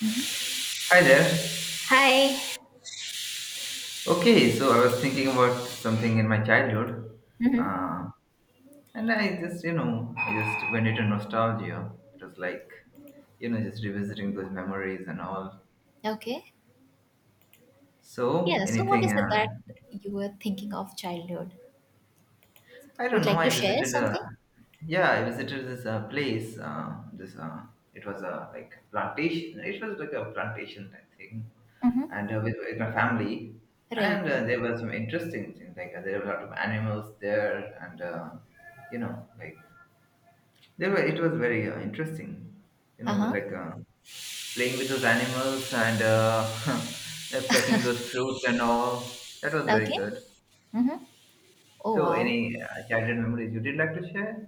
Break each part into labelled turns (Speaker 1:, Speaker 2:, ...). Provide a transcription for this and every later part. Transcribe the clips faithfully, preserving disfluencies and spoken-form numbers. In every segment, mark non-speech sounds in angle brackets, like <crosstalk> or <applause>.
Speaker 1: Hmm.
Speaker 2: Hi there.
Speaker 1: Hi.
Speaker 2: Okay, so I was thinking about something in my childhood,
Speaker 1: Hmm.
Speaker 2: uh, and I just, you know, I just went into nostalgia. It was like, you know, just revisiting those memories and all.
Speaker 1: Okay.
Speaker 2: So,
Speaker 1: Yeah. So, what is
Speaker 2: anything,
Speaker 1: it that
Speaker 2: uh,
Speaker 1: you were thinking of childhood?
Speaker 2: I don't
Speaker 1: Would
Speaker 2: know.
Speaker 1: like to
Speaker 2: I
Speaker 1: share
Speaker 2: visited, uh,
Speaker 1: something?
Speaker 2: yeah, I visited this uh, place. Uh, this, uh, it was uh, like plantation. It was like a plantation, I think.
Speaker 1: Mm-hmm.
Speaker 2: And uh, with, with my family.
Speaker 1: Right.
Speaker 2: And uh, there were some interesting things like uh, there were a lot of animals there, and uh, you know, like there were. It was very uh, interesting, you
Speaker 1: Uh
Speaker 2: know,
Speaker 1: huh.
Speaker 2: like uh, playing with those animals and uh, <laughs> like plucking those fruits and all. That was very
Speaker 1: Okay.
Speaker 2: good.
Speaker 1: Mm-hmm. Oh
Speaker 2: So,
Speaker 1: wow.
Speaker 2: any uh, childhood memories you did like to share?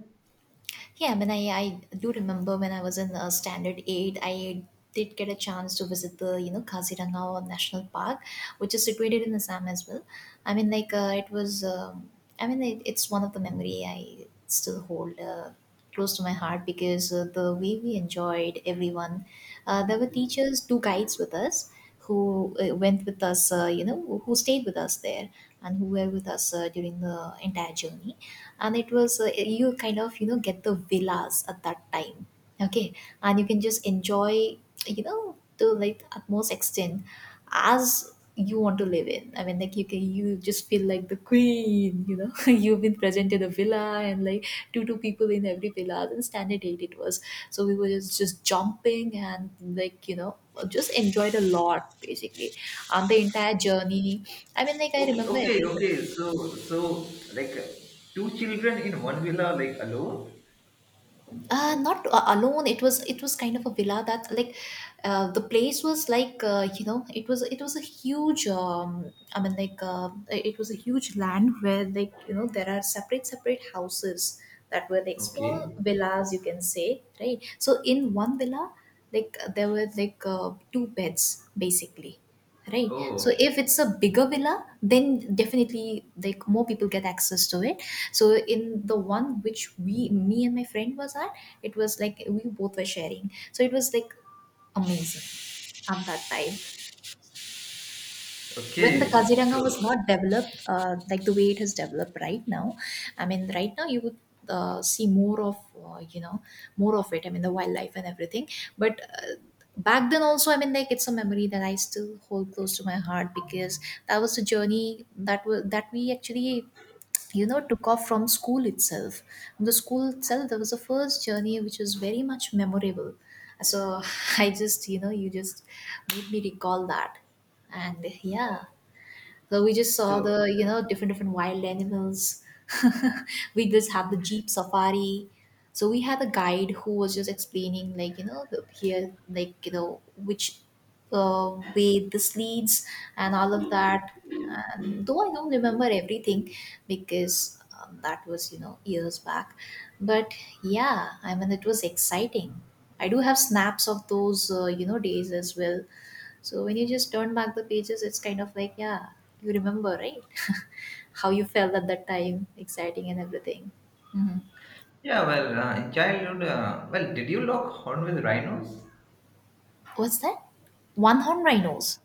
Speaker 1: Yeah, I mean, I, I do remember when I was in uh, standard eight. I did get a chance to visit the you know Kaziranga National Park, which is situated in Assam as well. I mean, like uh, it was, um, I mean, it, it's one of the memory I still hold uh, close to my heart because uh, the way we enjoyed everyone, uh, there were teachers, two guides with us who uh, went with us, uh, you know, who who stayed with us there and who were with us uh, during the entire journey. And it was uh, you kind of you know get the villas at that time. Okay. And you can just enjoy you know to like utmost extent as you want to live in. I mean, like you can you just feel like the queen, you know <laughs> you've been presented a villa and like two two people in every villa, and standard eight it was. So we were just just jumping and like you know just enjoyed a lot basically, and the entire journey. I mean, like I
Speaker 2: Okay,
Speaker 1: remember
Speaker 2: okay,
Speaker 1: everything.
Speaker 2: okay. So, so like uh, two children in one villa, like alone.
Speaker 1: uh not uh, alone. It was it was kind of a villa that like uh, the place was like uh, you know it was it was a huge um I mean, like uh, it was a huge land where like you know there are separate separate houses that were like small
Speaker 2: Okay.
Speaker 1: villas, you can say, right? So in one villa like uh, there were like uh, two beds basically, right?
Speaker 2: Oh,
Speaker 1: So
Speaker 2: okay.
Speaker 1: if it's a bigger villa, then definitely like more people get access to it. So in the one which we me and my friend was at, it was like we both were sharing. So it was like amazing at that time. When the
Speaker 2: Okay.
Speaker 1: Kaziranga
Speaker 2: So,
Speaker 1: was not developed, uh, like the way it has developed right now. I mean, right now you would uh, see more of, uh, you know, more of it. I mean, the wildlife and everything. But uh, back then also, I mean, like it's a memory that I still hold close to my heart because that was the journey that was that we actually you know took off from school itself. From the school itself there was a first journey which was very much memorable. So <laughs> I just you know you just made me recall that. And yeah, so we just saw
Speaker 2: so
Speaker 1: the you know different different wild animals. <laughs> We just have the jeep safari. So we had a guide who was just explaining like you know the- here like you know which uh, way this leads and all of that. And though I don't remember everything because um, that was you know years back, but yeah, I mean it was exciting. I do have snaps of those uh, you know days as well. So when you just turn back the pages, it's kind of like, yeah, you remember, right? <laughs> How you felt at that time, exciting and everything. Hmm.
Speaker 2: yeah, well, uh, in childhood, uh, well, did you lock horn with rhinos?
Speaker 1: What's that? One horn rhinos.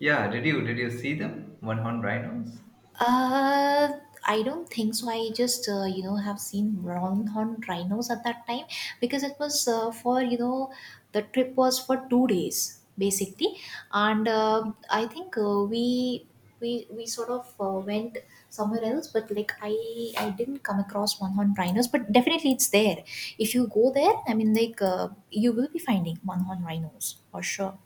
Speaker 2: Yeah, did you did you see them one horn rhinos?
Speaker 1: Uh, I don't think so. I just, uh, you know, have seen round-horned rhinos at that time because it was uh, for, you know, the trip was for two days basically, and uh, I think uh, we we we sort of uh, went somewhere else, but like I I didn't come across one-horned rhinos, but definitely it's there. If you go there, I mean, like uh, you will be finding one-horned rhinos for sure.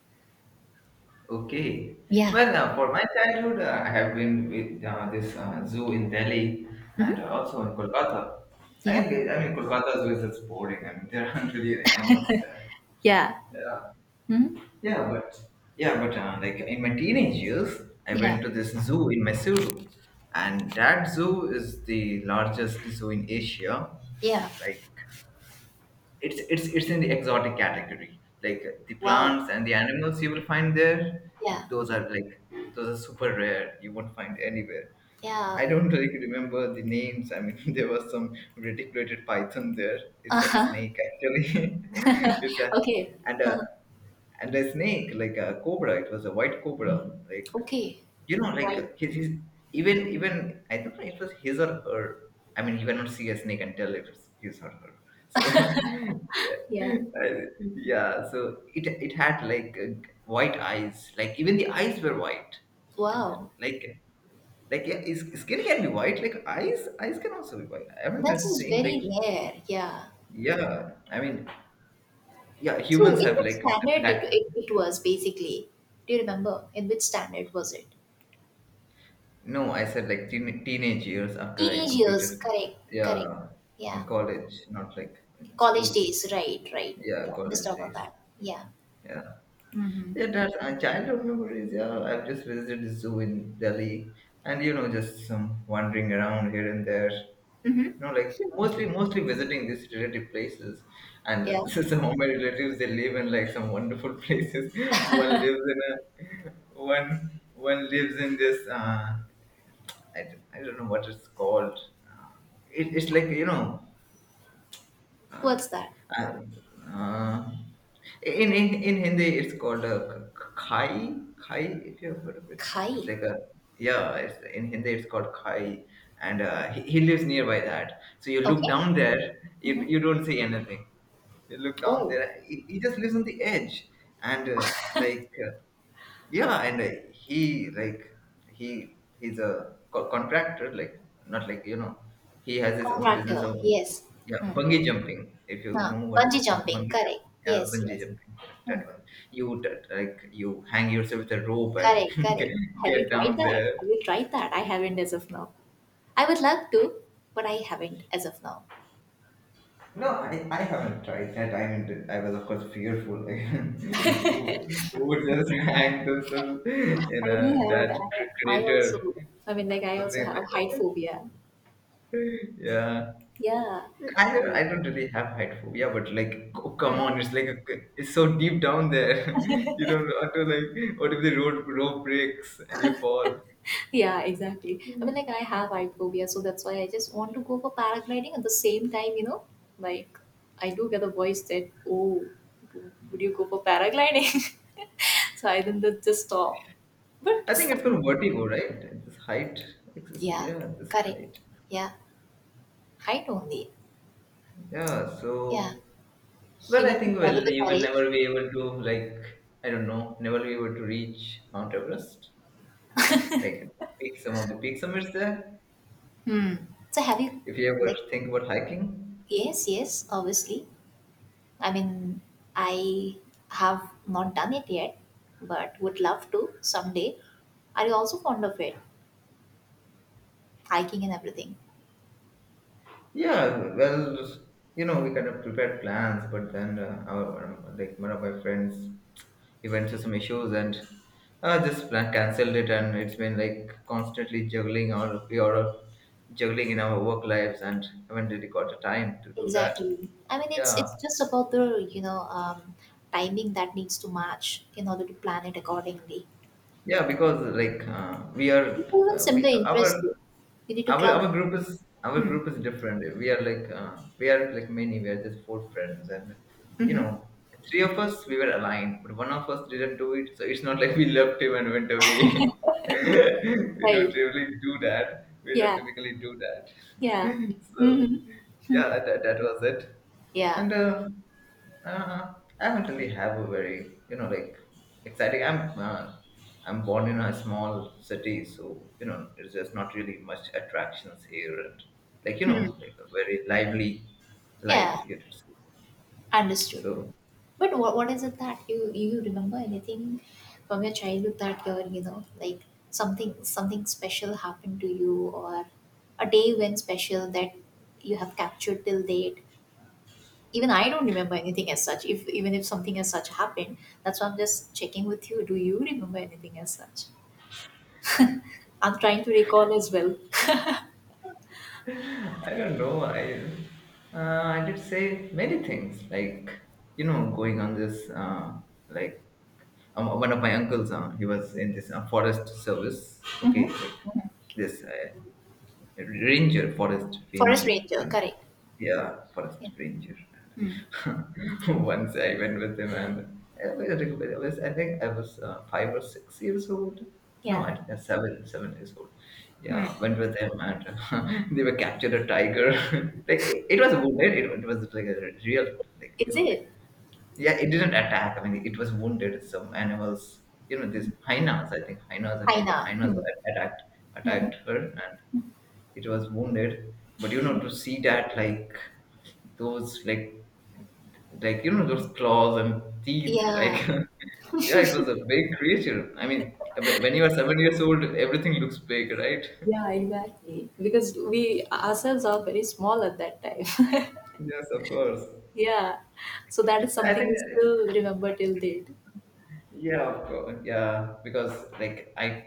Speaker 2: Okay.
Speaker 1: Yeah.
Speaker 2: Well, uh, for my childhood, uh, I have been with uh, this uh, zoo in Delhi and
Speaker 1: Mm-hmm.
Speaker 2: also in Kolkata. I,
Speaker 1: Yeah.
Speaker 2: mean, I mean, Kolkata zoo is just boring. I mean, there aren't really animals there.
Speaker 1: Yeah.
Speaker 2: Yeah,
Speaker 1: Mm-hmm.
Speaker 2: yeah, but yeah, but uh, like in my teenage years, I
Speaker 1: Yeah.
Speaker 2: went to this zoo in Mysuru, and that zoo is the largest zoo in Asia,
Speaker 1: Yeah.
Speaker 2: and like it's it's it's in the exotic category like uh, the
Speaker 1: Wow.
Speaker 2: plants and the animals you will find there,
Speaker 1: Yeah,
Speaker 2: those are like those are super rare, you won't find anywhere.
Speaker 1: yeah.
Speaker 2: I
Speaker 1: <laughs>
Speaker 2: don't really remember the names. I mean, <laughs> there was some reticulated python there. It's a
Speaker 1: Uh-huh.
Speaker 2: snake actually. <laughs> It's a,
Speaker 1: Okay,
Speaker 2: and a, and a snake like a cobra. It was a white cobra, like
Speaker 1: okay.
Speaker 2: you know,
Speaker 1: Right.
Speaker 2: like his, his, even even I don't know, it was his or her. I mean, you cannot see a snake and tell if it's his or her, so <laughs>
Speaker 1: Yeah.
Speaker 2: I- yeah, so it it had like uh, white eyes, like even the eyes were white. And
Speaker 1: Wow.
Speaker 2: like like yeah, his skin can be white, like eyes, eyes can also be white. I'm not
Speaker 1: That is
Speaker 2: saying like,
Speaker 1: very rare. Yeah.
Speaker 2: yeah, I mean, yeah,
Speaker 1: So,
Speaker 2: humans
Speaker 1: in
Speaker 2: have
Speaker 1: which
Speaker 2: like
Speaker 1: standard it,
Speaker 2: black.
Speaker 1: it, it was basically? Do you remember? In which standard was it?
Speaker 2: No, I said like teen teenage years after I
Speaker 1: Teenage years.
Speaker 2: completed,
Speaker 1: Correct, correct.
Speaker 2: yeah, in
Speaker 1: Yeah.
Speaker 2: college, not like in
Speaker 1: College
Speaker 2: school.
Speaker 1: days. Right, right. Yeah.
Speaker 2: Yeah,
Speaker 1: Missed
Speaker 2: college
Speaker 1: out on
Speaker 2: days.
Speaker 1: that. Yeah.
Speaker 2: Yeah,
Speaker 1: Mm-hmm.
Speaker 2: yeah. That's uh, childhood memories. Yeah, I've just visited the zoo in Delhi, and you know, just some wandering around here and there.
Speaker 1: Mm-hmm.
Speaker 2: No, like mostly mostly visiting these relative places,
Speaker 1: Yeah.
Speaker 2: and <laughs> some of my relatives they live in like some wonderful places. <laughs> One lives in a one one lives in this uh, I, d- I don't know what it's called. Uh, it, it's like you know uh,
Speaker 1: What's that?
Speaker 2: uh, uh, in, in in Hindi, it's called a k- k- khai. Khai, if you have heard of it, it's
Speaker 1: Kai.
Speaker 2: like a, yeah. It's in Hindi, it's called khai, and uh, he, he lives nearby that. So you look
Speaker 1: Okay.
Speaker 2: down there, you
Speaker 1: Mm-hmm.
Speaker 2: you don't see anything. You look down
Speaker 1: Oh,
Speaker 2: there. He, he just lives on the edge, and uh, like. Uh, yeah and uh, he like he he's a co- contractor, like not like you know, he has his own business
Speaker 1: contractor.
Speaker 2: of,
Speaker 1: Yes.
Speaker 2: yeah,
Speaker 1: Hmm.
Speaker 2: bungee jumping, if you
Speaker 1: Huh.
Speaker 2: know what is
Speaker 1: Bungee
Speaker 2: bung-
Speaker 1: jumping.
Speaker 2: bungee
Speaker 1: Correct.
Speaker 2: jumping, yeah,
Speaker 1: Yes,
Speaker 2: bungee
Speaker 1: yes.
Speaker 2: jumping, that one, you that, like you hang yourself with a rope and
Speaker 1: Correct,
Speaker 2: <laughs> get,
Speaker 1: correct. Have you
Speaker 2: get
Speaker 1: tried
Speaker 2: down
Speaker 1: that?
Speaker 2: there.
Speaker 1: Have you tried that? I haven't as of now. I would love to, but I haven't as of now.
Speaker 2: No, I, I haven't tried that. I mean, I was of course fearful like <laughs>
Speaker 1: <laughs>
Speaker 2: who,
Speaker 1: I
Speaker 2: who would just <laughs> hang themselves in a
Speaker 1: do have.
Speaker 2: that cr-
Speaker 1: I, I
Speaker 2: crater,
Speaker 1: also. I mean, like I also
Speaker 2: something like
Speaker 1: have height
Speaker 2: that.
Speaker 1: phobia.
Speaker 2: Yeah,
Speaker 1: Yeah.
Speaker 2: I don't,
Speaker 1: I-
Speaker 2: I don't really have height phobia, but like, oh, come on, it's like it's so deep down there. <laughs> You don't want to like. What if the road rope breaks and you fall?
Speaker 1: yeah, exactly. I mean, like I have height phobia, so that's why I just want to go for paragliding. At the same time, you know, like I do get a voice that, "Oh, would you go for paragliding?" <laughs> So I don't just stop.
Speaker 2: I
Speaker 1: But
Speaker 2: think it's
Speaker 1: some,
Speaker 2: called vertigo, right? This height. It's- it's-
Speaker 1: yeah,
Speaker 2: yeah, this
Speaker 1: correct.
Speaker 2: height.
Speaker 1: Yeah. Height only.
Speaker 2: Yeah.
Speaker 1: Yeah,
Speaker 2: So,
Speaker 1: you
Speaker 2: well, I
Speaker 1: need to
Speaker 2: think
Speaker 1: gather
Speaker 2: well,
Speaker 1: the
Speaker 2: you will
Speaker 1: courage.
Speaker 2: never be able to like. I don't know. Never be able to reach Mount Everest. Like peak, some of the peak summits there.
Speaker 1: Hmm. So have you
Speaker 2: If you
Speaker 1: like
Speaker 2: ever think about hiking.
Speaker 1: yes, yes, obviously. I mean, I have not done it yet, but would love to someday. Are you also fond of it? Hiking and everything.
Speaker 2: Yeah, well, you know, we kind of prepared plans, but then uh, our um, like one of my friends, he went through some issues and uh, this plan cancelled it, and it's been like constantly juggling, all we are juggling in our work lives, and haven't really got the time to do that.
Speaker 1: Exactly. I mean, it's
Speaker 2: Yeah,
Speaker 1: it's just about the you know um, timing that needs to match in order to plan it accordingly.
Speaker 2: yeah, because like uh, we are
Speaker 1: People with
Speaker 2: uh,
Speaker 1: similar
Speaker 2: we our
Speaker 1: interests, though. You need to
Speaker 2: our
Speaker 1: club.
Speaker 2: our group is, our
Speaker 1: Hmm.
Speaker 2: group is different. We are like uh, we are like many, we are just four friends and you
Speaker 1: Hmm.
Speaker 2: know, three of us we were aligned, but one of us didn't do it, so it's not like we left him and went away. <laughs> We don't
Speaker 1: Right.
Speaker 2: really do that, we don't
Speaker 1: Yeah.
Speaker 2: typically do that.
Speaker 1: Yeah.
Speaker 2: <laughs> So
Speaker 1: Hmm.
Speaker 2: yeah, that, that was it.
Speaker 1: Yeah.
Speaker 2: And uh, uh, I do not really have a very you know like exciting. I'm uh, I'm born in a small city, so you know there's just not really much attractions here, and like you know like a very lively
Speaker 1: Yeah,
Speaker 2: life. You could say.
Speaker 1: understood.
Speaker 2: So
Speaker 1: But what what is it that you you remember anything from your childhood that you're you know like something something special happened to you or a day when special that you have captured till date. Even I don't remember anything as such. If even if something as such happened, that's why I'm just checking with you. Do you remember anything as such? I'm trying to recall as well. <laughs>
Speaker 2: I don't know. I uh, I did say many things like you know going on this uh, like um, one of my uncles uh, he was in this uh, forest service. Okay,
Speaker 1: Hmm.
Speaker 2: like this. Uh, Ranger, forest
Speaker 1: Forest
Speaker 2: ranger, you
Speaker 1: ranger,
Speaker 2: know.
Speaker 1: correct?
Speaker 2: Yeah,
Speaker 1: Yeah.
Speaker 2: forest ranger.
Speaker 1: Hmm.
Speaker 2: And <laughs> once I went with him, and I was, I was- I think I was uh, five or six years old. No,
Speaker 1: Yeah.
Speaker 2: I think I was seven, seven years old. Yeah, went with him, and <laughs> they were captured a tiger. <laughs> Like it, it was wounded. It, it was like a real, like you
Speaker 1: Is
Speaker 2: know, like
Speaker 1: it?
Speaker 2: yeah, it didn't attack. I mean, it was wounded. Some animals, you know, these hyenas. I think hyenas, a group of
Speaker 1: Haina?
Speaker 2: hyenas a- attacked,
Speaker 1: Hmm.
Speaker 2: attacked her, it was wounded, but you know to see that like those like like you know those claws and teeth like
Speaker 1: Yeah.
Speaker 2: <laughs> yeah it was a big creature. I mean wh- when you are seven years old everything looks big right.
Speaker 1: Yeah, exactly. Because we ourselves are very small at that time. <laughs>
Speaker 2: <laughs> Yes of course.
Speaker 1: Yeah. So that is
Speaker 2: Yeah, I
Speaker 1: something we
Speaker 2: think
Speaker 1: still remember till date.
Speaker 2: yeah of course, yeah because like i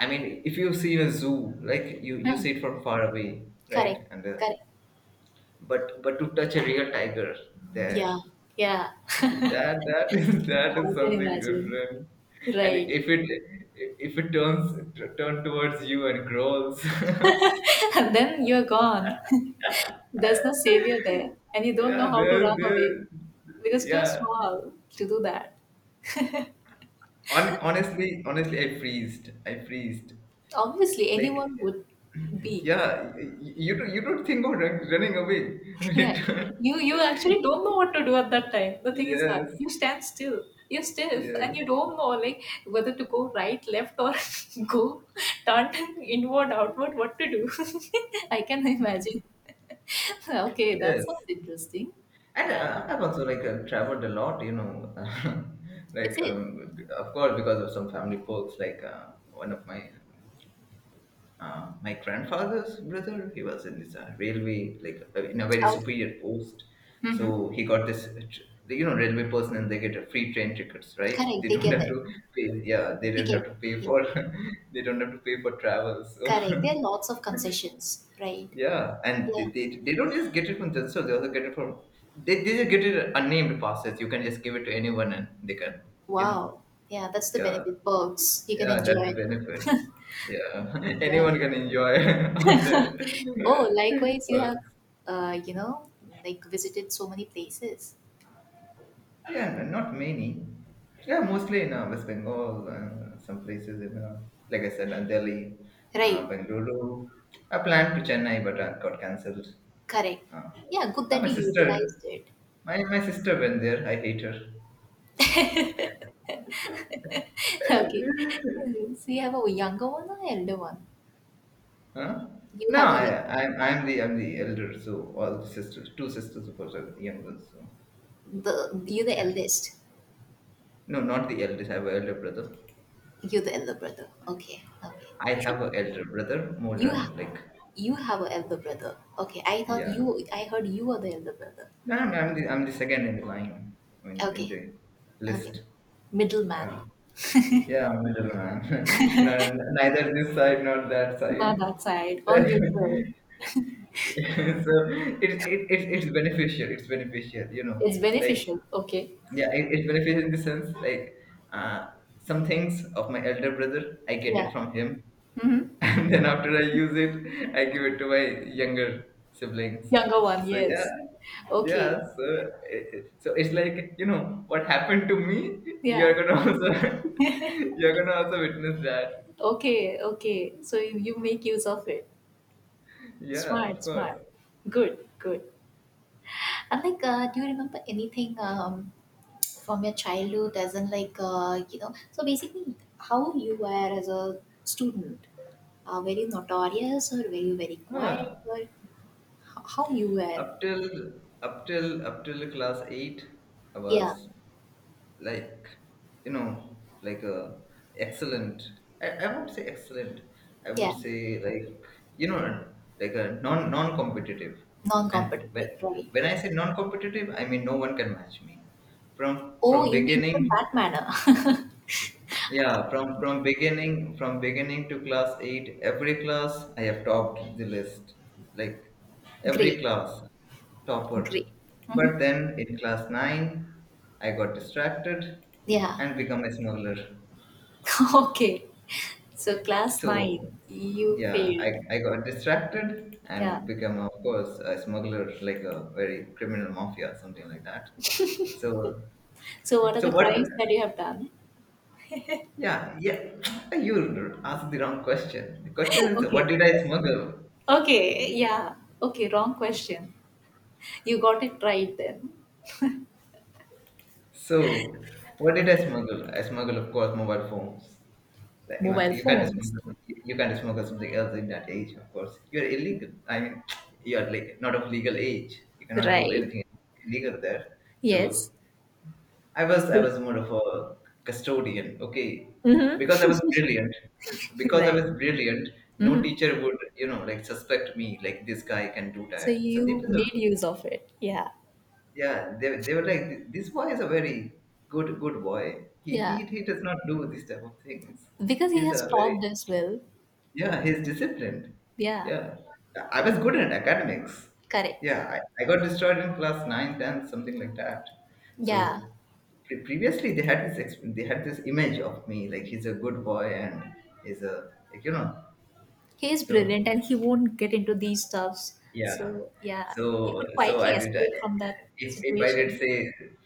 Speaker 2: i mean if you see in a zoo like you you
Speaker 1: Hmm.
Speaker 2: see it from far away right,
Speaker 1: Correct.
Speaker 2: and uh,
Speaker 1: Correct.
Speaker 2: but but to touch a real tiger there,
Speaker 1: Yeah. Yeah.
Speaker 2: that that is <laughs> that
Speaker 1: <laughs>
Speaker 2: is
Speaker 1: I can
Speaker 2: something
Speaker 1: imagine.
Speaker 2: different. And
Speaker 1: Right.
Speaker 2: if it, if it turns, turn towards you and grows <laughs> yeah,
Speaker 1: <laughs> And then you're gone. There's no savior there. And you don't know how to
Speaker 2: there
Speaker 1: run
Speaker 2: there
Speaker 1: away because too
Speaker 2: yeah.
Speaker 1: small to do that.
Speaker 2: Hon- honestly honestly I freezed, I freezed
Speaker 1: Obviously,
Speaker 2: like
Speaker 1: anyone would be.
Speaker 2: yeah y- y- you don't- you don't think of run- running away <laughs> when
Speaker 1: Yeah,
Speaker 2: it turn-
Speaker 1: you you actually don't know what to do at that time. The thing is that
Speaker 2: yes,
Speaker 1: you stand still, you're stiff, and you
Speaker 2: yes,
Speaker 1: don't know like whether to go right, left, or <laughs> go turn inward, outward. What to do? <laughs> I can imagine. <laughs> Okay, that
Speaker 2: yes.
Speaker 1: sounds interesting.
Speaker 2: And
Speaker 1: Yeah,
Speaker 2: uh, I've also like uh, traveled a lot you know. <laughs>
Speaker 1: is
Speaker 2: Like
Speaker 1: it?
Speaker 2: um, of course because of some family perks, like uh, one of my uh, my grandfather's brother, he was in this uh, railway, like uh, in a very
Speaker 1: Okay.
Speaker 2: superior post, so he got this uh, tr- you know railway personnel, they get a free train tickets right. <laughs>
Speaker 1: Correct.
Speaker 2: They
Speaker 1: They
Speaker 2: don't
Speaker 1: get
Speaker 2: have
Speaker 1: it.
Speaker 2: to pay, yeah they
Speaker 1: They
Speaker 2: don't have
Speaker 1: get
Speaker 2: to
Speaker 1: it.
Speaker 2: pay
Speaker 1: Yeah.
Speaker 2: for <laughs> they don't have to pay for travel, so
Speaker 1: Correct. There are lots of concessions,
Speaker 2: <laughs>
Speaker 1: right?
Speaker 2: yeah. And they,
Speaker 1: Yeah.
Speaker 2: they, they don't just get it from themselves, they also get it from, they, they just get it unnamed passes, you can just give it to anyone and they can you know,
Speaker 1: Wow. Yeah, that's the
Speaker 2: yeah.
Speaker 1: benefit. Perks. You can
Speaker 2: Yeah, that's the
Speaker 1: enjoy.
Speaker 2: benefit. Yeah, <laughs>
Speaker 1: Yeah.
Speaker 2: anyone can enjoy <laughs> on their
Speaker 1: Oh, likewise, you have,
Speaker 2: work.
Speaker 1: uh, you know, like visited so many places.
Speaker 2: Yeah, not many. Yeah, mostly in uh, West Bengal and some places in, uh, like I said, uh, Delhi, uh,
Speaker 1: Right,
Speaker 2: Bengaluru. I planned to Chennai, but uh, got cancelled.
Speaker 1: correct.
Speaker 2: Uh,
Speaker 1: Yeah, good
Speaker 2: uh,
Speaker 1: that
Speaker 2: my
Speaker 1: you
Speaker 2: sister,
Speaker 1: utilized it.
Speaker 2: my, my sister went there. I hate her.
Speaker 1: <laughs> Okay.
Speaker 2: <laughs>
Speaker 1: So you have a younger one or elder one?
Speaker 2: Huh?
Speaker 1: You
Speaker 2: No,
Speaker 1: have a
Speaker 2: I, I'm I'm the I'm the elder, so all the sisters, two sisters, of course, are younger. So
Speaker 1: the you're the
Speaker 2: yeah,
Speaker 1: eldest.
Speaker 2: no, not the eldest. I have an elder brother.
Speaker 1: You're the elder brother. Okay, okay.
Speaker 2: I
Speaker 1: You should
Speaker 2: have an elder brother, more
Speaker 1: you ha-
Speaker 2: than like,
Speaker 1: you have an elder brother. Okay, I thought
Speaker 2: yeah.
Speaker 1: you I heard you are the elder brother.
Speaker 2: No, I'm, I'm the I'm the second in the line. I mean, in
Speaker 1: Okay,
Speaker 2: the
Speaker 1: okay.
Speaker 2: list.
Speaker 1: Middleman.
Speaker 2: Yeah, yeah, I'm middle man. <laughs> No, neither this side nor that
Speaker 1: Not
Speaker 2: side.
Speaker 1: outside.
Speaker 2: <laughs>
Speaker 1: All
Speaker 2: So
Speaker 1: neutral.
Speaker 2: it it, it, it's beneficial. It's beneficial. You know,
Speaker 1: It's
Speaker 2: like
Speaker 1: beneficial. Okay.
Speaker 2: yeah, it, it's beneficial in the sense like uh, some things of my elder brother I get
Speaker 1: Yeah.
Speaker 2: it from him, and then after I use it, I give it to my younger siblings.
Speaker 1: Younger one,
Speaker 2: So yeah,
Speaker 1: yes.
Speaker 2: yeah.
Speaker 1: Okay.
Speaker 2: So it, it- so it's like you know what happened to me. You're
Speaker 1: Yeah.
Speaker 2: gonna also <laughs> you're gonna also witness that.
Speaker 1: Okay. Okay. So you, you make use of it.
Speaker 2: Yeah,
Speaker 1: Smart,
Speaker 2: of
Speaker 1: smart.
Speaker 2: course.
Speaker 1: Good, good. And like, uh, do you remember anything um, from your childhood? As in, like, uh, you know, so basically, how you were as a student? Uh, were you notorious or were you very quiet
Speaker 2: Huh.
Speaker 1: or h- how you were?
Speaker 2: Up till up till up till class eight, I
Speaker 1: Yeah,
Speaker 2: was like you know like a excellent— I, I won't say excellent, I would
Speaker 1: yeah,
Speaker 2: say, like, you know like a non non competitive and when,
Speaker 1: non-competitive, right?
Speaker 2: when I say non competitive I mean no one can match me from
Speaker 1: Oh,
Speaker 2: from
Speaker 1: you mean from
Speaker 2: beginning.
Speaker 1: that manner?
Speaker 2: Yeah, from from beginning from beginning to class eight, every class I have topped the list. Like, every
Speaker 1: <laughs> Great,
Speaker 2: class, topper.
Speaker 1: great.
Speaker 2: But
Speaker 1: Hmm.
Speaker 2: then in class nine, I got distracted
Speaker 1: Yeah.
Speaker 2: and become a smuggler.
Speaker 1: <laughs> Okay, so class nine,
Speaker 2: So
Speaker 1: you
Speaker 2: yeah, I,
Speaker 1: failed.
Speaker 2: I got distracted
Speaker 1: Yeah.
Speaker 2: and become, of course, a smuggler, like a very criminal mafia, something like that. So,
Speaker 1: So what are
Speaker 2: so
Speaker 1: the
Speaker 2: what?
Speaker 1: crimes that you have done?
Speaker 2: Yeah, yeah. <tsk> You asked the wrong question. The question
Speaker 1: <laughs>
Speaker 2: is,
Speaker 1: Okay.
Speaker 2: what did I smuggle?
Speaker 1: Okay, yeah. Okay, wrong question. You got it right then.
Speaker 2: So, what did I smuggle? I smuggled, of course, mobile phones. Like, you know,
Speaker 1: Mobile
Speaker 2: you can't
Speaker 1: phones.
Speaker 2: smuggle. You can't smuggle something else in that age, of course. You are illegal. I mean, <tsk> you are, like, not of legal age. You cannot do
Speaker 1: Right.
Speaker 2: anything illegal there.
Speaker 1: Yes.
Speaker 2: So I was I
Speaker 1: Sweet.
Speaker 2: was more of a custodian, okay, because I
Speaker 1: Mm-hmm.
Speaker 2: was brilliant.
Speaker 1: <laughs>
Speaker 2: Because I
Speaker 1: Right.
Speaker 2: was brilliant, no
Speaker 1: Mm-hmm.
Speaker 2: teacher would, you know, like, suspect me, like, this guy can do
Speaker 1: So
Speaker 2: that. Sandeep
Speaker 1: you
Speaker 2: is a—
Speaker 1: made use of it. Yeah.
Speaker 2: yeah. They, they were like, this boy is a very good good boy. He
Speaker 1: Yeah.
Speaker 2: he he does not do these type of things.
Speaker 1: Because he
Speaker 2: He's
Speaker 1: has
Speaker 2: a very—
Speaker 1: stopped as well.
Speaker 2: yeah. He's disciplined.
Speaker 1: Yeah.
Speaker 2: Yeah, I was good at academics.
Speaker 1: Correct.
Speaker 2: Yeah, I, I got destroyed in class nine ten, something like that.
Speaker 1: Yeah.
Speaker 2: So pre- previously they had this exp- they had this image of me, like, he's a good boy and he's a, like, you know—
Speaker 1: He is
Speaker 2: so
Speaker 1: brilliant and he won't get into these stuffs.
Speaker 2: yeah,
Speaker 1: So yeah, you
Speaker 2: so
Speaker 1: could
Speaker 2: so
Speaker 1: quietly
Speaker 2: i did I,
Speaker 1: escape from that
Speaker 2: if, if I did
Speaker 1: situation.
Speaker 2: say,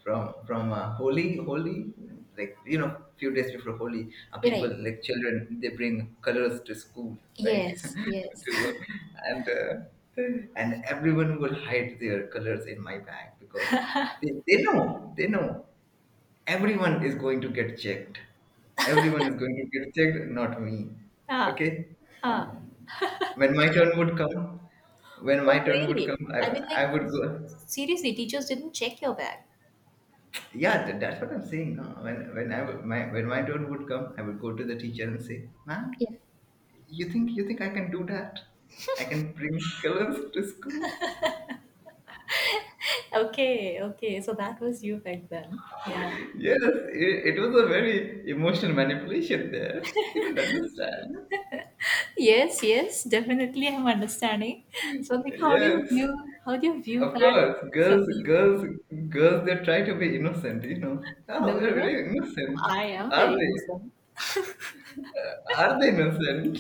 Speaker 2: from from uh, holy, holy like, you know, few days before holy, uh,
Speaker 1: You're
Speaker 2: people,
Speaker 1: right.
Speaker 2: like children, they bring colors to school, right?
Speaker 1: Yes,
Speaker 2: <laughs>
Speaker 1: yes.
Speaker 2: To—
Speaker 1: <laughs>
Speaker 2: and uh, and everyone will hide their colors in my bag because they, they know, they know, everyone is going to get checked, everyone is going to get checked, not me.
Speaker 1: Ah,
Speaker 2: Okay.
Speaker 1: ah.
Speaker 2: When my turn would come, when
Speaker 1: Oh,
Speaker 2: my turn would
Speaker 1: really?
Speaker 2: come, i,
Speaker 1: I mean,
Speaker 2: I
Speaker 1: like,
Speaker 2: would go—
Speaker 1: seriously, teachers didn't check your bag.
Speaker 2: yeah, tha- that's what I'm saying, no? when when I would- my when my turn would come, I would go to the teacher and say, ma'am,
Speaker 1: Yeah.
Speaker 2: you think you think I can do that? I can bring colors to school? <laughs>
Speaker 1: Okay, okay. So that was you back then. Yeah.
Speaker 2: Yes, it, it was a very emotional manipulation there, you don't understand.
Speaker 1: Yes, yes, definitely I'm understanding. So like how do you
Speaker 2: Yes.
Speaker 1: view how do you view
Speaker 2: Of
Speaker 1: that,
Speaker 2: course, girls,
Speaker 1: Sandeep?
Speaker 2: girls, girls, they try to be innocent, you know.
Speaker 1: No
Speaker 2: Oh,
Speaker 1: no
Speaker 2: they're very
Speaker 1: no.
Speaker 2: innocent.
Speaker 1: I am
Speaker 2: Are
Speaker 1: very
Speaker 2: they?
Speaker 1: innocent.
Speaker 2: Are they innocent?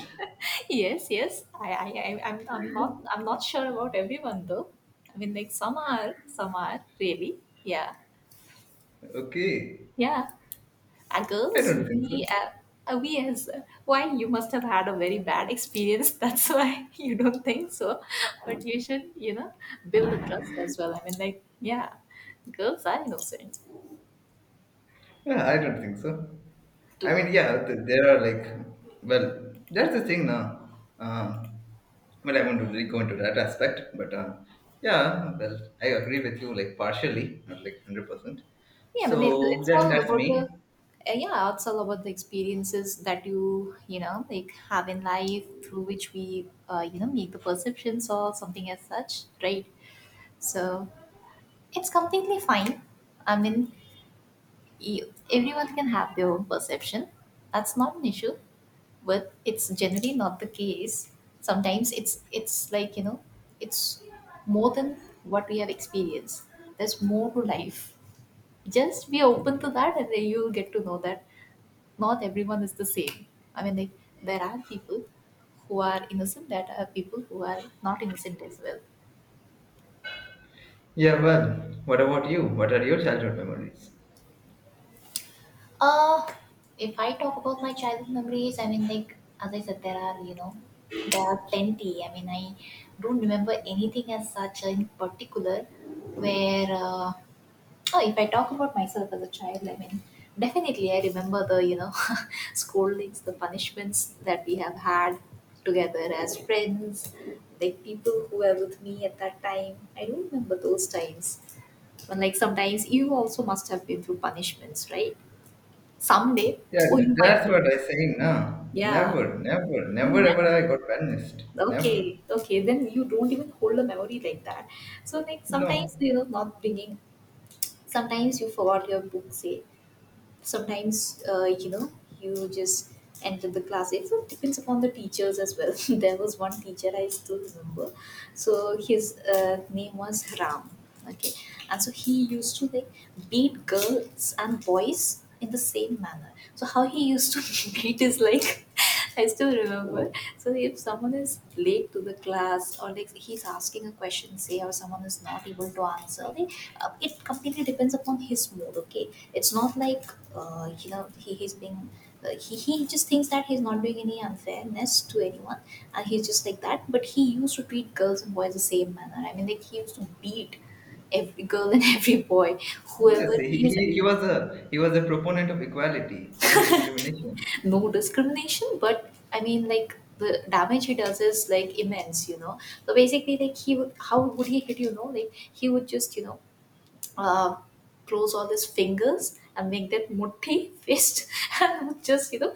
Speaker 1: Yes, yes. I, I, I I'm, I'm not, I'm not sure about everyone though. I mean, like some are, some are really. Yeah,
Speaker 2: Okay.
Speaker 1: yeah. Uh,
Speaker 2: I
Speaker 1: girls,
Speaker 2: don't think so.
Speaker 1: we, uh, uh, we as why you must have had a very bad experience. <laughs> That's why you don't think so. But you should, you know, build the trust as well. I mean, like, yeah, girls are innocent.
Speaker 2: Yeah, I don't think so. I
Speaker 1: Do
Speaker 2: mean, yeah, th- there are, like, well, that's the thing now. Uh, well, I won't really go into that aspect, but uh, yeah, well, I agree with you, like, partially, not like one hundred percent.
Speaker 1: Yeah, I mean, it's,
Speaker 2: So
Speaker 1: it's
Speaker 2: then
Speaker 1: all
Speaker 2: that's
Speaker 1: about the,
Speaker 2: me.
Speaker 1: uh, yeah, it's all about the experiences that you, you know, like have in life through which we, uh, you know, make the perceptions or something as such, right? So it's completely fine. I mean, you, everyone can have their own perception. That's not an issue, but it's generally not the case. Sometimes it's it's like, you know, it's more than what we have experienced. There's more to life, just be open to that and then you'll get to know that not everyone is the same. I mean like there are people who are innocent, there are people who are not innocent as well.
Speaker 2: Yeah, well, what about you? What are your childhood memories?
Speaker 1: Uh, if I talk about my childhood memories, I mean, like, as I said, there are, you know, there are plenty. I mean, I don't remember anything as such in particular where uh, Oh, if I talk about myself as a child, I mean, definitely I remember the, you know, <laughs> scoldings, the punishments that we have had together as friends, like people who were with me at that time. I do remember those times. And like sometimes you also must have been through punishments, right? Someday,
Speaker 2: Yeah,
Speaker 1: or you might
Speaker 2: that's
Speaker 1: not.
Speaker 2: what I'm saying now.
Speaker 1: Yeah.
Speaker 2: Never, never,
Speaker 1: You
Speaker 2: never
Speaker 1: never,
Speaker 2: ever I got banished. Never.
Speaker 1: okay, okay, then you don't even hold a memory like that. So like
Speaker 2: No.
Speaker 1: sometimes, you know, not bringing, sometimes you forgot your book, say, sometimes uh, you know, you just enter the class. It all depends upon the teachers as well. <laughs> There was one teacher I still remember. So his uh, name was Ram, okay, and so he used to like beat girls and boys in the same manner. So how he used to <laughs> beat is like <laughs> I still remember. So if someone is late to the class, or like he's asking a question, say, or someone is not able to answer, they, uh, it completely depends upon his mood. Okay, it's not like uh, you know, he he's being. Uh, he, he just thinks that he's not doing any unfairness to anyone, and he's just like that. But he used to treat girls and boys the same manner. I mean, like, he used to beat every girl and <laughs> every boy, whoever
Speaker 2: Yes, he,
Speaker 1: he.
Speaker 2: he, he was a— he was a proponent of equality, no discrimination.
Speaker 1: No discrimination, but I mean, like, the damage he does is like immense, you know. So basically, like, he would, how would he hit, you know, like he would just, you know, uh close all his fingers and make that mutti <laughs> fist, and would just, you know,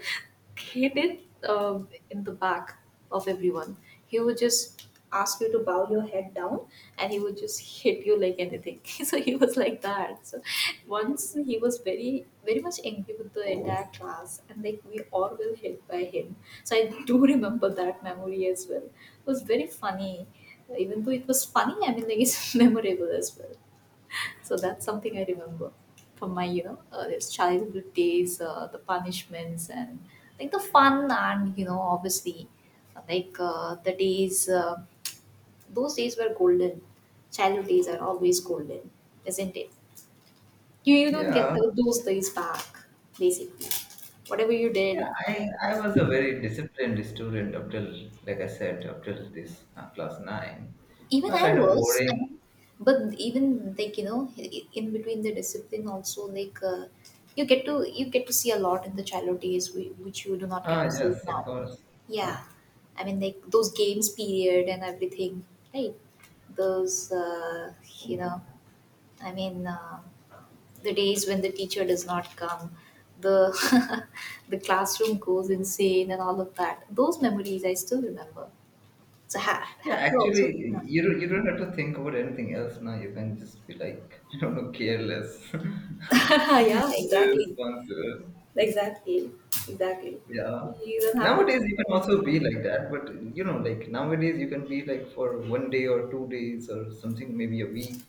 Speaker 1: he did uh, in the back of everyone. He would just ask you to bow your head down and he would just hit you like anything. <laughs> So he was like that. So once he was very, very much angry with the entire class and like we all were hit by him. So I do <laughs> remember that memory as well. It was very funny. Even though it was funny, I mean, like, it's <laughs> memorable as well. So that's something I remember from my, you know, uh, those childhood days, uh, the punishments and like the fun and, you know, obviously uh, like uh, the days, uh, those days were golden. Childhood days are always golden, isn't it? You, you don't get
Speaker 2: Yeah,
Speaker 1: the, those days back, basically. Whatever you did,
Speaker 2: yeah. I
Speaker 1: and
Speaker 2: I was a very disciplined student, up till, like I said, up till this uh, class nine.
Speaker 1: even
Speaker 2: Uh,
Speaker 1: I
Speaker 2: kind of
Speaker 1: was, I
Speaker 2: boring.
Speaker 1: mean, but even, like, you know, in between the discipline also, like, uh, you get to, you get to see a lot in the childhood days whi- which you do not get
Speaker 2: Ah,
Speaker 1: to see
Speaker 2: yes, of
Speaker 1: now.
Speaker 2: course.
Speaker 1: Yeah, I mean, like, those games period and everything, right? Those uh, you know, I mean. Uh, the days when the teacher does not come, the <laughs> the classroom goes insane, and all of that, those memories I still remember. So ha-
Speaker 2: Yeah,
Speaker 1: have you also.
Speaker 2: actually,
Speaker 1: No.
Speaker 2: you don't, you don't have to think about anything else now. You can just be like, <laughs> I don't know, careless, <laughs>
Speaker 1: <laughs> Yeah, exactly.
Speaker 2: irresponsible.
Speaker 1: Exactly. Exactly.
Speaker 2: Yeah.
Speaker 1: You don't have to.
Speaker 2: Nowadays you can also be like that, but, you know, like, nowadays you can be like for one day or two days or something, maybe a week.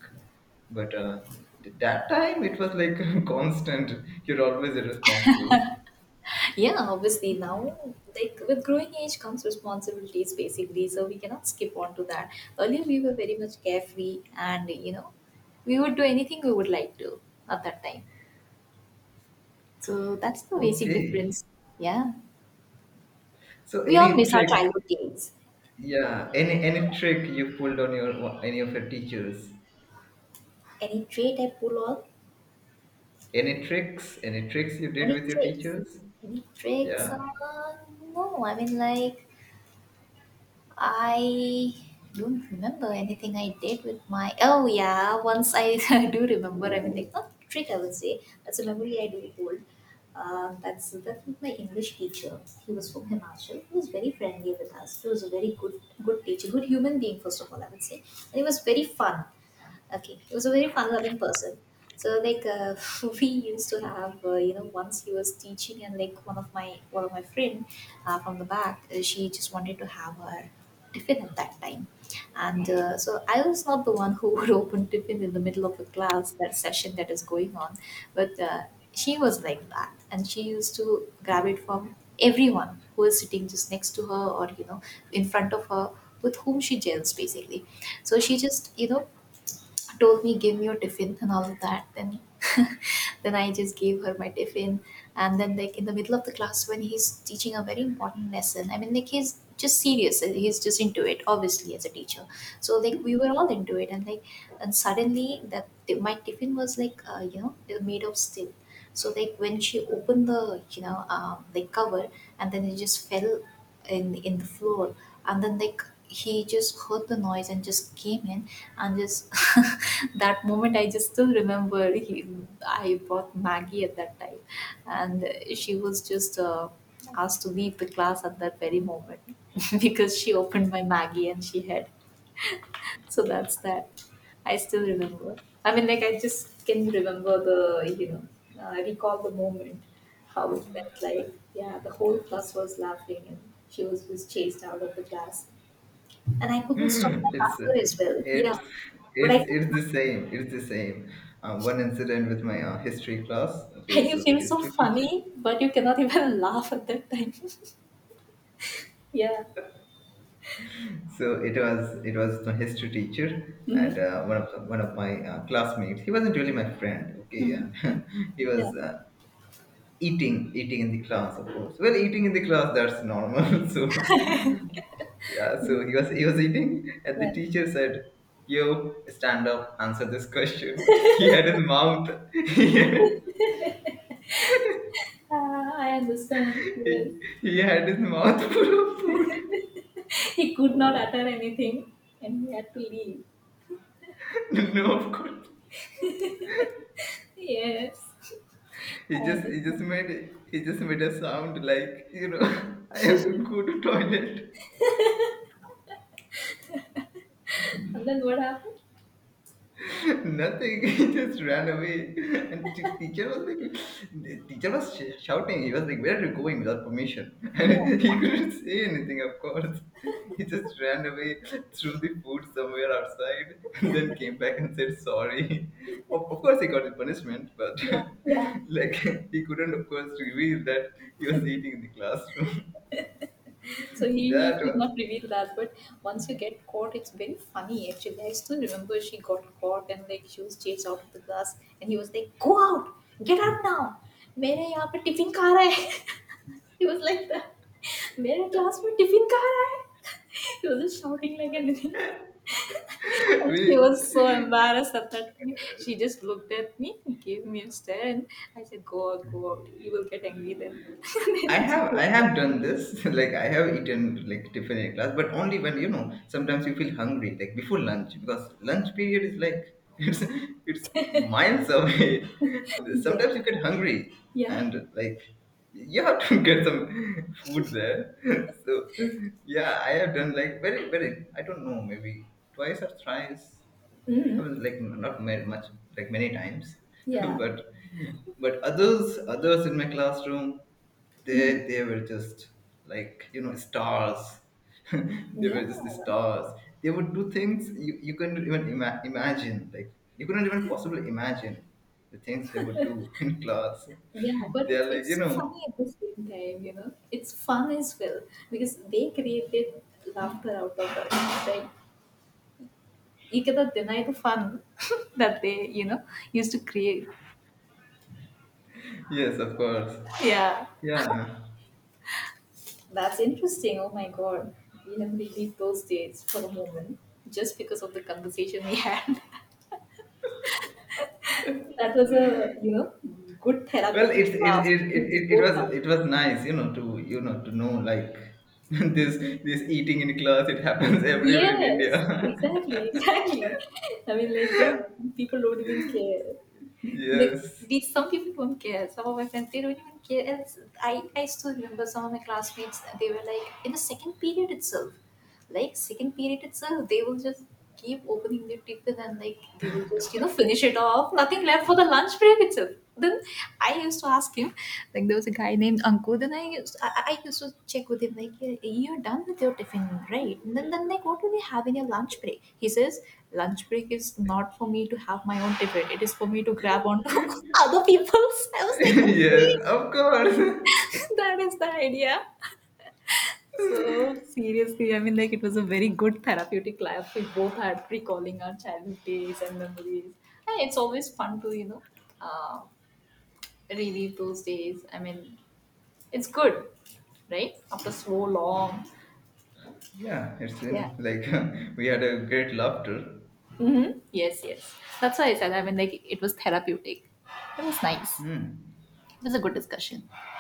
Speaker 2: But uh, th- that time it was, like, <laughs> constant. You're always irresponsible.
Speaker 1: Yeah, obviously now, like with growing age comes responsibilities basically, so we cannot skip on to that. Earlier we were very much carefree and, you know, we would do anything we would like to at that time. So that's the basic
Speaker 2: Okay.
Speaker 1: difference. Yeah.
Speaker 2: So,
Speaker 1: We all
Speaker 2: any
Speaker 1: miss our
Speaker 2: trick—
Speaker 1: childhood days.
Speaker 2: yeah, any any trick you pulled on your— any of your teachers?
Speaker 1: Any trait I pull off?
Speaker 2: Any tricks? Any tricks you did
Speaker 1: Any
Speaker 2: with your
Speaker 1: tricks?
Speaker 2: teachers?
Speaker 1: Any tricks?
Speaker 2: Yeah.
Speaker 1: Uh, no, I mean, like, I don't remember anything I did with my. Oh yeah, once I <laughs> do remember everything. Not trick, I would say. That's a memory I do hold. Um, that's, that was my English teacher. He was from Himachal. He was very friendly with us. He was a very good good teacher, good human being, first of all, I would say, and he was very fun. Okay, he was a very fun-loving person. So like uh, <laughs> we used to have uh, you know, once he was teaching and like one of my one of my friend uh, from the back uh, she just wanted to have her tiffin at that time, and uh, so I was not the one who <laughs> would open tiffin in the middle of a class that session that is going on, but uh, she was like that and she used to grab it from everyone who is sitting just next to her, or you know, in front of her, with whom she gels basically. So she just, you know, told me, give me your tiffin and all of that. Then <laughs> then I just gave her my tiffin, and then like in the middle of the class when he's teaching a very important lesson, I mean, like, he's just serious and he's just into it, obviously as a teacher. So like we were all into it and like, and suddenly that, my tiffin was like uh, you know, made of steel. So like when she opened the, you know, um, like, cover, and then it just fell in in the floor, and then like he just heard the noise and just came in, and just <laughs> that moment I just still remember, he, I bought Maggie at that time, and she was just uh, asked to leave the class at that very moment, <laughs> because she opened my Maggie and she had, so that's that. I still remember. I mean, like, I just can remember the, you know, uh, recall the moment, how it went. Like, yeah, the whole class was laughing and she was was chased out of the class, and I
Speaker 2: <laughs>
Speaker 1: couldn't stop my
Speaker 2: it's uh,
Speaker 1: laughter as well. Yeah,
Speaker 2: it's
Speaker 1: but
Speaker 2: it's
Speaker 1: I
Speaker 2: it's the
Speaker 1: <laughs>
Speaker 2: same, it's the same, um, one incident with my uh, history class.
Speaker 1: and
Speaker 2: Okay,
Speaker 1: you
Speaker 2: so the
Speaker 1: feel so
Speaker 2: history teacher—
Speaker 1: funny, but you cannot even <laughs> laugh at that time. <laughs> Yeah,
Speaker 2: so it was, it was the history teacher, and uh, one of one of my uh, classmates, he wasn't really my friend, okay, and <laughs> he
Speaker 1: yeah,
Speaker 2: was uh, eating eating in the class, of course. Well, eating in the class, that's normal. <laughs> So yeah, so he was he was eating, and the
Speaker 1: yeah.
Speaker 2: teacher said, yo, stand up, answer this question. <laughs> He had his mouth <laughs>
Speaker 1: Ah, I understand. Yes.
Speaker 2: He, he had his mouth <laughs> full of food.
Speaker 1: He could not utter anything, and he had to leave.
Speaker 2: <laughs> No, of course.
Speaker 1: Yes, I
Speaker 2: He just he just
Speaker 1: understand.
Speaker 2: made he just made a sound, like, you know, <laughs> I have to go to toilet.
Speaker 1: And then what happened?
Speaker 2: Nothing. <laughs> He just ran away. And t- teacher was like— the teacher was sh- shouting. He was like, where are you going without permission? <laughs>
Speaker 1: Yeah,
Speaker 2: And he couldn't say anything, of course. He just ran away, threw the food somewhere outside, and then came back and said sorry. Of, of course, he got the punishment, but
Speaker 1: yeah, yeah.
Speaker 2: <laughs> like, he couldn't, of course, reveal that he was eating in the classroom. <laughs>
Speaker 1: So he, he
Speaker 2: That
Speaker 1: could
Speaker 2: was—
Speaker 1: not reveal that. But once you get caught, it's very funny actually. I still remember she got caught and like she was chased out of the class and he was like, go out, get out now. मेरे यहाँ पे tiffin खा रहा है <laughs> He was like that, मेरे class में tiffin खा रहा है <laughs> He was just shouting like anything.
Speaker 2: <laughs>
Speaker 1: And she
Speaker 2: we.
Speaker 1: was so embarrassed at that time. She just looked at me, gave me a stare, and I said, "Go out, go out. You will get angry then." <laughs>
Speaker 2: I
Speaker 1: Then she
Speaker 2: have I
Speaker 1: went
Speaker 2: have
Speaker 1: out.
Speaker 2: done this, <laughs> like, I have eaten, like, tiffin in class, but only when, you know, sometimes you feel hungry, like, before lunch, because lunch period is, like, <laughs> it's— it's miles away, <laughs> and
Speaker 1: Yeah,
Speaker 2: sometimes you get hungry,
Speaker 1: yeah,
Speaker 2: and, like, you have to <laughs> get some food there. <laughs> So yeah, I have done, like, very very, I don't know, maybe twice or thrice. I was,
Speaker 1: hmm,
Speaker 2: like, not married much, like, many times, <laughs>
Speaker 1: yeah,
Speaker 2: but— but others, others in my classroom, they
Speaker 1: hmm,
Speaker 2: they were just, like, you know, stars. <laughs> They
Speaker 1: yeah,
Speaker 2: were just the stars. They would do things you— you couldn't even ima- imagine. Like, you couldn't even possibly imagine the things they would do <laughs> in class.
Speaker 1: yeah. But
Speaker 2: They
Speaker 1: it's,
Speaker 2: are, like, you
Speaker 1: it's
Speaker 2: know—
Speaker 1: funny at the same time, you know. It's fun as well, because they created laughter out of it. Like, you cannot deny the fun <laughs> that they, you know, used to create.
Speaker 2: yes, of course.
Speaker 1: Yeah.
Speaker 2: Yeah.
Speaker 1: That's interesting. Oh my god. We have relived those days for a moment, just because of the conversation we had. <laughs> That was a, you know, good
Speaker 2: Well,
Speaker 1: therapeutic
Speaker 2: it's it
Speaker 1: laugh
Speaker 2: it, it,
Speaker 1: we
Speaker 2: it, it
Speaker 1: both had.
Speaker 2: was— it was nice, you know, to— you know, to know, like, <laughs> this— this eating in class. It happens <laughs> everywhere in
Speaker 1: Yes,
Speaker 2: India.
Speaker 1: exactly, <laughs> exactly. I mean, like, yeah, people don't even care.
Speaker 2: <laughs>
Speaker 1: Like,
Speaker 2: Yes.
Speaker 1: these, some people don't care. Some of my friends, they don't even care. And it's, I, I still remember some of my classmates, they were like, in the second period itself. Like, second period itself, they will just keep opening their tiffin and like they will just, you know, finish it off, nothing left for the lunch break itself. Then I used to ask him, like, there was a guy named Ankur. Then i used i, I I used to check with him, like, "Yeah, you're done with your tiffin, right? And then, then like what will you have in your lunch break?" He says, "Lunch break is not for me to have my own tiffin, it is for me to grab onto <laughs> other people's." I was
Speaker 2: <laughs>
Speaker 1: like, okay.
Speaker 2: Yes, of course.
Speaker 1: <laughs> That is the idea. So seriously, I mean, like, it was a very good therapeutic laugh. We both had, recalling our childhood days and memories. And it's always fun to, you know, uh, relive those days. I mean, it's good, right? After so long,
Speaker 2: <laughs> Yeah, it's
Speaker 1: yeah.
Speaker 2: been like— <laughs> we had a great laughter.
Speaker 1: Mm-hmm. Yes, yes. That's why I said. I mean, like, it was therapeutic. It was nice.
Speaker 2: Hmm.
Speaker 1: It was a good discussion.